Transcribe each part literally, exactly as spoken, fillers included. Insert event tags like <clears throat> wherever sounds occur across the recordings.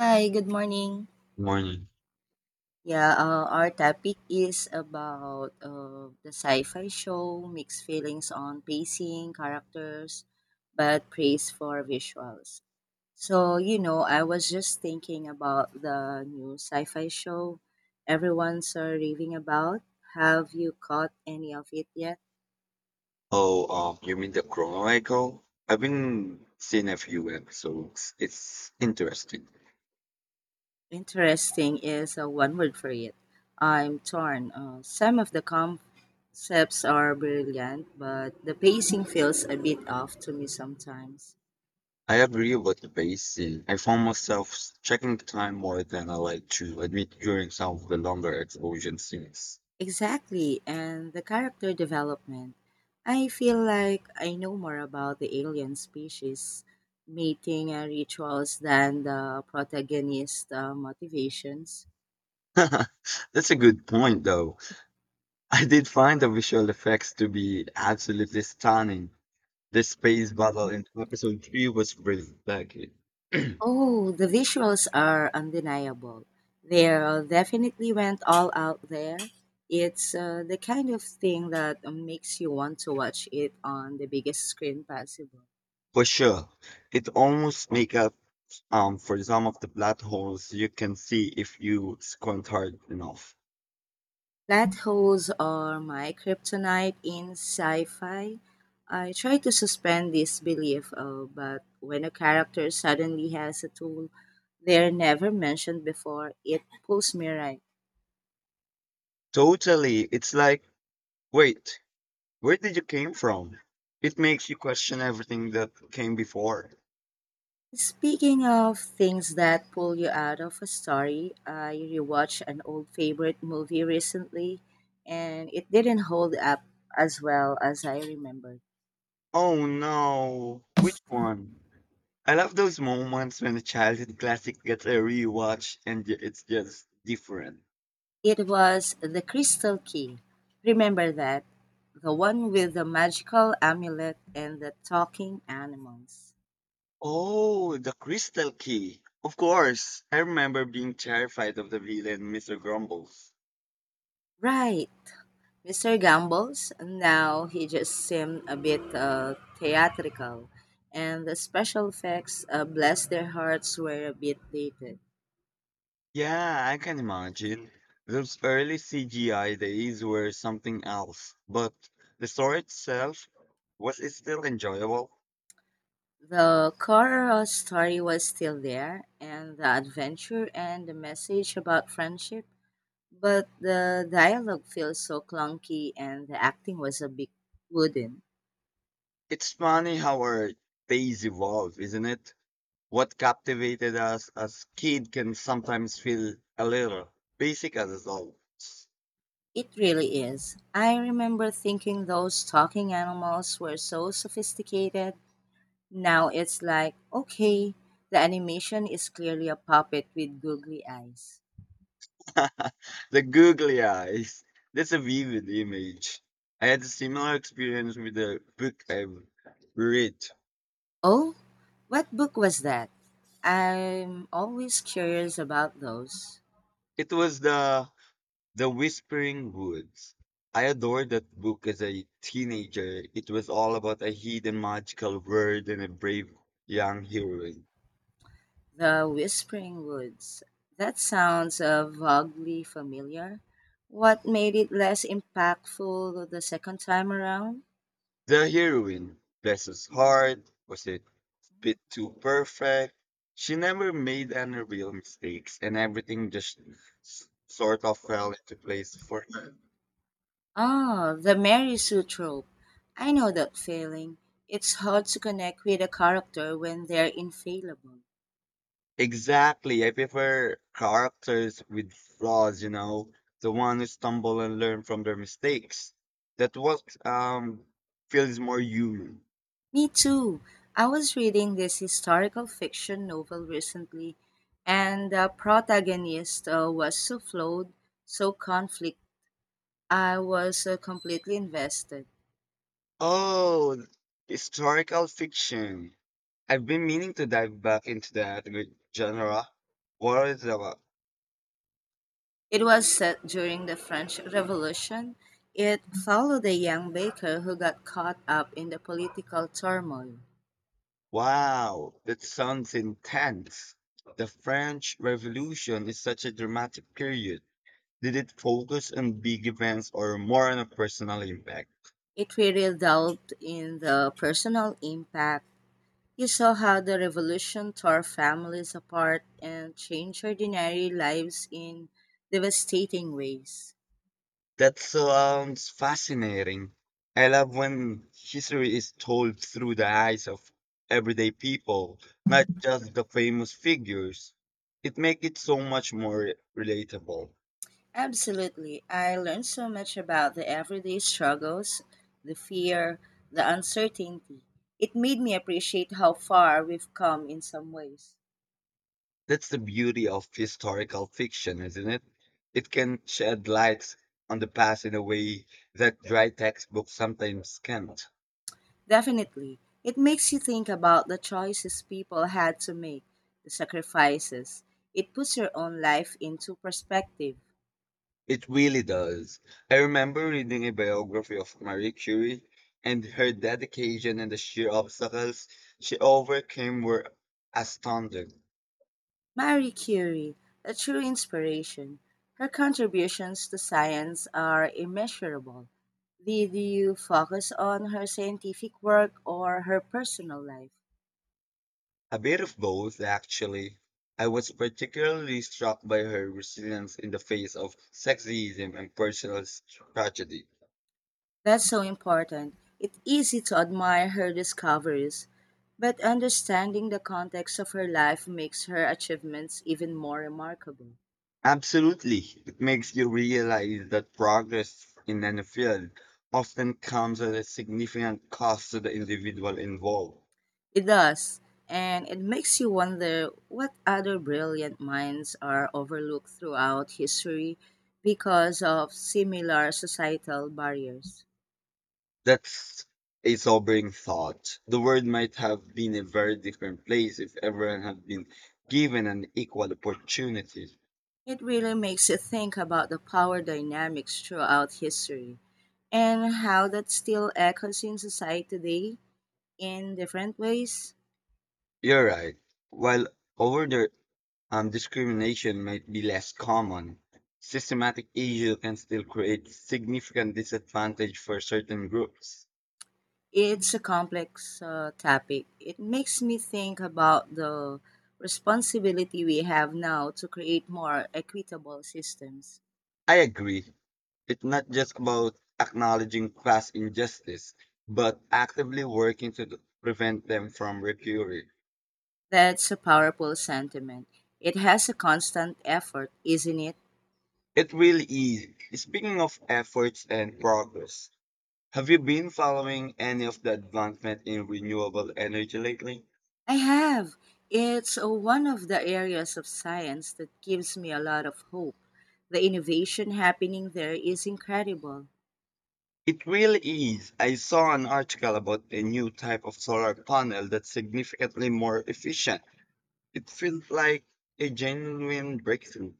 Hi, good morning. Morning. Yeah, uh, our topic is about uh, the sci-fi show, mixed feelings on pacing, characters, but praise for visuals. So, you know, I was just thinking about the new sci-fi show everyone's uh, raving about. Have you caught any of it yet? Oh, um, you mean the Chronicle? I've been seeing a few episodes. It's interesting. Interesting is uh, one word for it. I'm torn. Uh, some of the com Chefs are brilliant, but the pacing feels a bit off to me sometimes. I agree with the pacing. I found myself checking the time more than I like to admit during some of the longer explosion scenes. Exactly, and the character development. I feel like I know more about the alien species, mating and rituals than the protagonist's uh, motivations. <laughs> That's a good point, though. I did find the visual effects to be absolutely stunning. The space battle in episode three was breathtaking. <clears throat> Oh, the visuals are undeniable. They uh, definitely went all out there. It's uh, the kind of thing that uh, makes you want to watch it on the biggest screen possible. For sure, it almost makes up Um, for some of the blood holes, you can see if you squint hard enough. Plot holes are my kryptonite in sci fi. I try to suspend disbelief, uh, but when a character suddenly has a tool they're never mentioned before, it pulls me right. Totally. It's like, wait, where did you came from? It makes you question everything that came before. Speaking of things that pull you out of a story, I rewatched an old favorite movie recently and it didn't hold up as well as I remembered. Oh no, which one? I love those moments when a childhood classic gets a rewatch and y- it's just different. It was the Crystal Key, remember that, the one with the magical amulet and the talking animals. Oh, the crystal key. Of course. I remember being terrified of the villain, Mister Grumbles. Right, mister Gambles, now he just seemed a bit uh, theatrical, and the special effects, uh, bless their hearts, were a bit dated. Yeah, I can imagine. Those early C G I days were something else, but the story itself was is still enjoyable. The core story was still there, and the adventure and the message about friendship. But the dialogue feels so clunky and the acting was a bit wooden. It's funny how our days evolve, isn't it? What captivated us as kid can sometimes feel a little basic as adults. It really is. I remember thinking those talking animals were so sophisticated. Now it's like, okay, the animation is clearly a puppet with googly eyes. <laughs> The googly eyes. That's a vivid image. I had a similar experience with a book I read. Oh, what book was that? I'm always curious about those. It was the The Whispering Woods. I adored that book as a teenager. It was all about a hidden magical world and a brave young heroine. The Whispering Woods. That sounds uh, vaguely familiar. What made it less impactful the second time around? The heroine, bless his heart, was a bit too perfect. She never made any real mistakes, and everything just s- sort of fell into place for her. Ah, the Mary Sue trope. I know that feeling. It's hard to connect with a character when they're infallible. Exactly. I prefer characters with flaws, you know, the one who stumble and learn from their mistakes. That what um Feels more human. Me too. I was reading this historical fiction novel recently, and the protagonist uh, was so flawed, so conflict. I was uh, completely invested. Oh, historical fiction. I've been meaning to dive back into that with genre. What is it about? It was set during the French Revolution. It followed a young baker who got caught up in the political turmoil. Wow, that sounds intense. The French Revolution is such a dramatic period. Did it focus on big events or more on a personal impact? It really delved in the personal impact. You saw how the revolution tore families apart and changed ordinary lives in devastating ways. That sounds fascinating. I love when history is told through the eyes of everyday people, not just the famous figures. It makes it so much more relatable. Absolutely. I learned so much about the everyday struggles, the fear, the uncertainty. It made me appreciate how far we've come in some ways. That's the beauty of historical fiction, isn't it? It can shed light on the past in a way that dry textbooks sometimes can't. Definitely. It makes you think about the choices people had to make, the sacrifices. It puts your own life into perspective. It really does. I remember reading a biography of Marie Curie, and her dedication and the sheer obstacles she overcame were astounding. Marie Curie, a true inspiration. Her contributions to science are immeasurable. Did you focus on her scientific work or her personal life? A bit of both, actually. I was particularly struck by her resilience in the face of sexism and personal s- tragedy. That's so important. It's easy to admire her discoveries, but understanding the context of her life makes her achievements even more remarkable. Absolutely. It makes you realize that progress in any field often comes at a significant cost to the individual involved. It does, and it makes you wonder what other brilliant minds are overlooked throughout history because of similar societal barriers. That's a sobering thought. The world might have been a very different place if everyone had been given an equal opportunity. It really makes you think about the power dynamics throughout history and how that still echoes in society today in different ways. You're right. While overt um, discrimination might be less common, systematic evil can still create significant disadvantage for certain groups. It's a complex uh, topic. It makes me think about the responsibility we have now to create more equitable systems. I agree. It's not just about acknowledging class injustice, but actively working to prevent them from recurring. That's a powerful sentiment. It has a constant effort, isn't it? It really is. Speaking of efforts and progress, have you been following any of the advancement in renewable energy lately? I have. It's uh, one of the areas of science that gives me a lot of hope. The innovation happening there is incredible. It really is. I saw an article about a new type of solar panel that's significantly more efficient. It feels like a genuine breakthrough.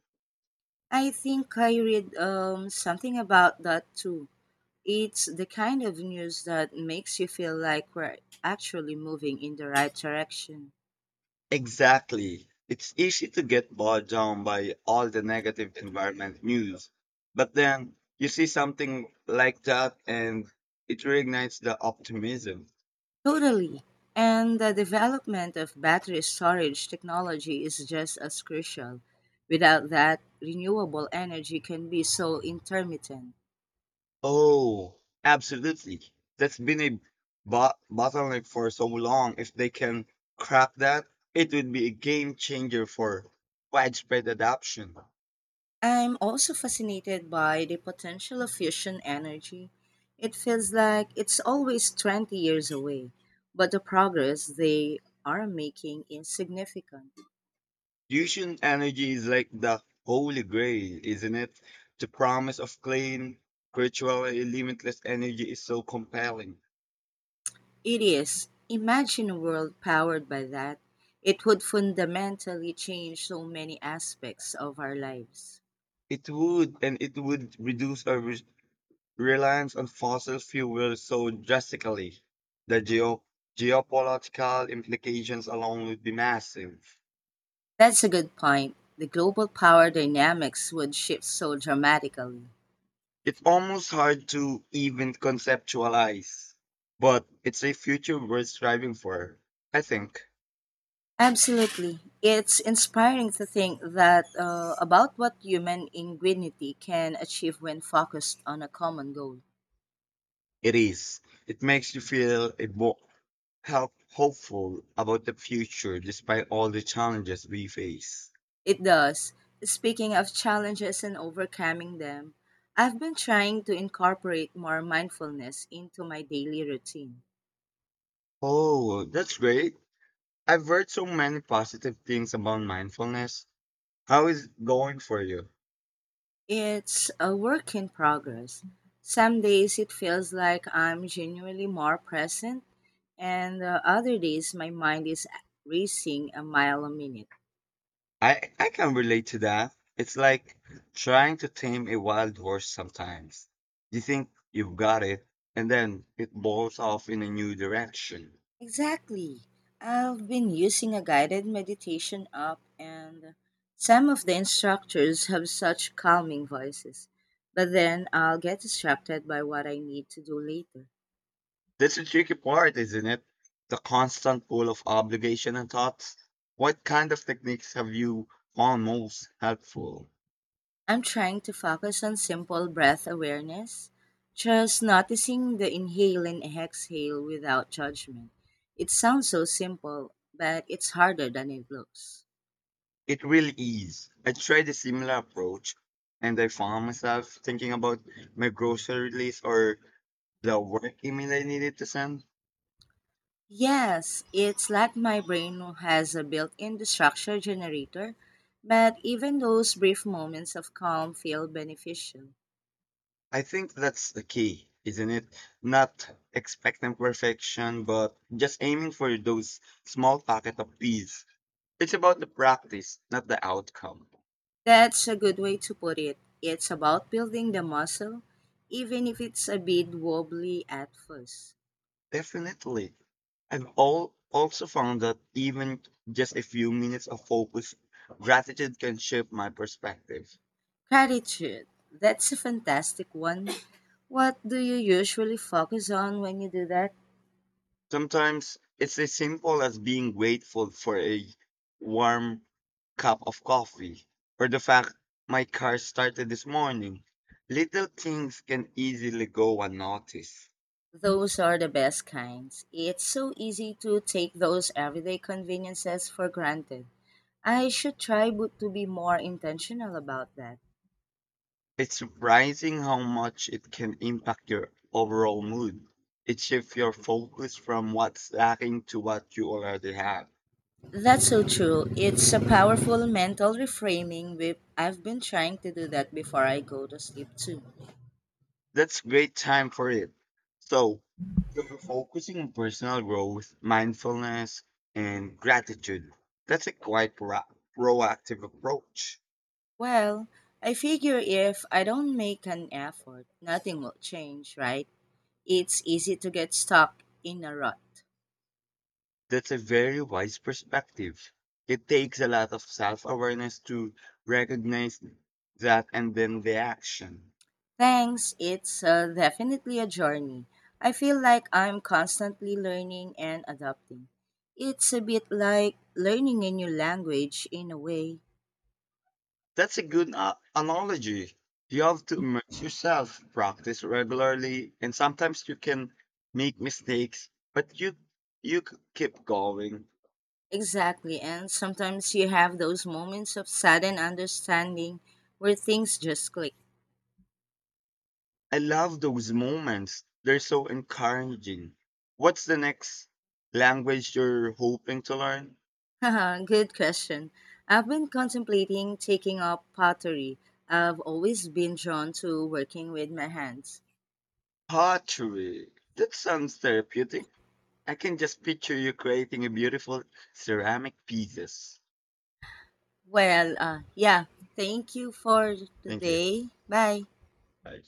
I think I read um, something about that too. It's the kind of news that makes you feel like we're actually moving in the right direction. Exactly. It's easy to get bogged down by all the negative environment news. But then you see something like that and it reignites the optimism. Totally. And the development of battery storage technology is just as crucial. Without that, renewable energy can be so intermittent. Oh, absolutely. That's been a bo- bottleneck for so long. If they can crack that, it would be a game changer for widespread adoption. I'm also fascinated by the potential of fusion energy. It feels like it's always twenty years away, but the progress they are making is significant. Fusion energy is like the holy grail, isn't it? The promise of clean, virtually limitless energy is so compelling. It is. Imagine a world powered by that. It would fundamentally change so many aspects of our lives. It would, and it would reduce our reliance on fossil fuels so drastically, the geo- geopolitical implications alone would be massive. That's a good point. The global power dynamics would shift so dramatically. It's almost hard to even conceptualize, but it's a future we're striving for. I think Absolutely. It's inspiring to think that uh, about what human ingenuity can achieve when focused on a common goal. it is. It makes you feel a more help hopeful about the future despite all the challenges we face. It does. Speaking of challenges and overcoming them, I've been trying to incorporate more mindfulness into my daily routine. Oh, that's great. I've heard so many positive things about mindfulness. How is it going for you? It's a work in progress. Some days it feels like I'm genuinely more present, and uh, other days my mind is racing a mile a minute. I I can relate to that. It's like trying to tame a wild horse sometimes. You think you've got it, and then it blows off in a new direction. Exactly. I've been using a guided meditation app, and some of the instructors have such calming voices. But then I'll get distracted by what I need to do later. That's the tricky part, isn't it? The constant pull of obligation and thoughts. What kind of techniques have you found most helpful? I'm trying to focus on simple breath awareness, just noticing the inhale and exhale without judgment. It sounds so simple, but it's harder than it looks. It really is. I tried a similar approach and I found myself thinking about my grocery list or the work email I needed to send. Yes, it's like my brain has a built in distraction generator, but even those brief moments of calm feel beneficial. I think that's the key, isn't it? Not expecting perfection, but just aiming for those small pockets of peace. It's about the practice, not the outcome. That's a good way to put it. It's about building the muscle, even if it's a bit wobbly at first. Definitely. I've all also found that even just a few minutes of focus, gratitude can shape my perspective. Gratitude. That's a fantastic one. What do you usually focus on when you do that? Sometimes it's as simple as being grateful for a warm cup of coffee or the fact my car started this morning. Little things can easily go unnoticed. Those are the best kinds. It's so easy to take those everyday conveniences for granted. I should try bo- to be more intentional about that. It's surprising how much it can impact your overall mood. It shifts your focus from what's lacking to what you already have. That's so true. It's a powerful mental reframing. With I've been trying to do that before I go to sleep too. That's great time for it. So, you're focusing on personal growth, mindfulness, and gratitude. That's a quite pro- proactive approach. Well, I figure if I don't make an effort, nothing will change, right? It's easy to get stuck in a rut. That's a very wise perspective. It takes a lot of self awareness to recognize that and then the action. Thanks, it's uh, definitely a journey. I feel like I'm constantly learning and adapting. It's a bit like learning a new language in a way. That's a good uh, analogy. You have to immerse yourself, practice regularly, and sometimes you can make mistakes, but you you c- keep going. Exactly, and sometimes you have those moments of sudden understanding where things just click. I love those moments. They're so encouraging. What's the next language you're hoping to learn? <laughs> Haha, good question. I've been contemplating taking up pottery. I've always been drawn to working with my hands. Pottery. That sounds therapeutic. I can just picture you creating a beautiful ceramic pieces. Well, uh, yeah. Thank you for Thank you. today. Bye. Bye.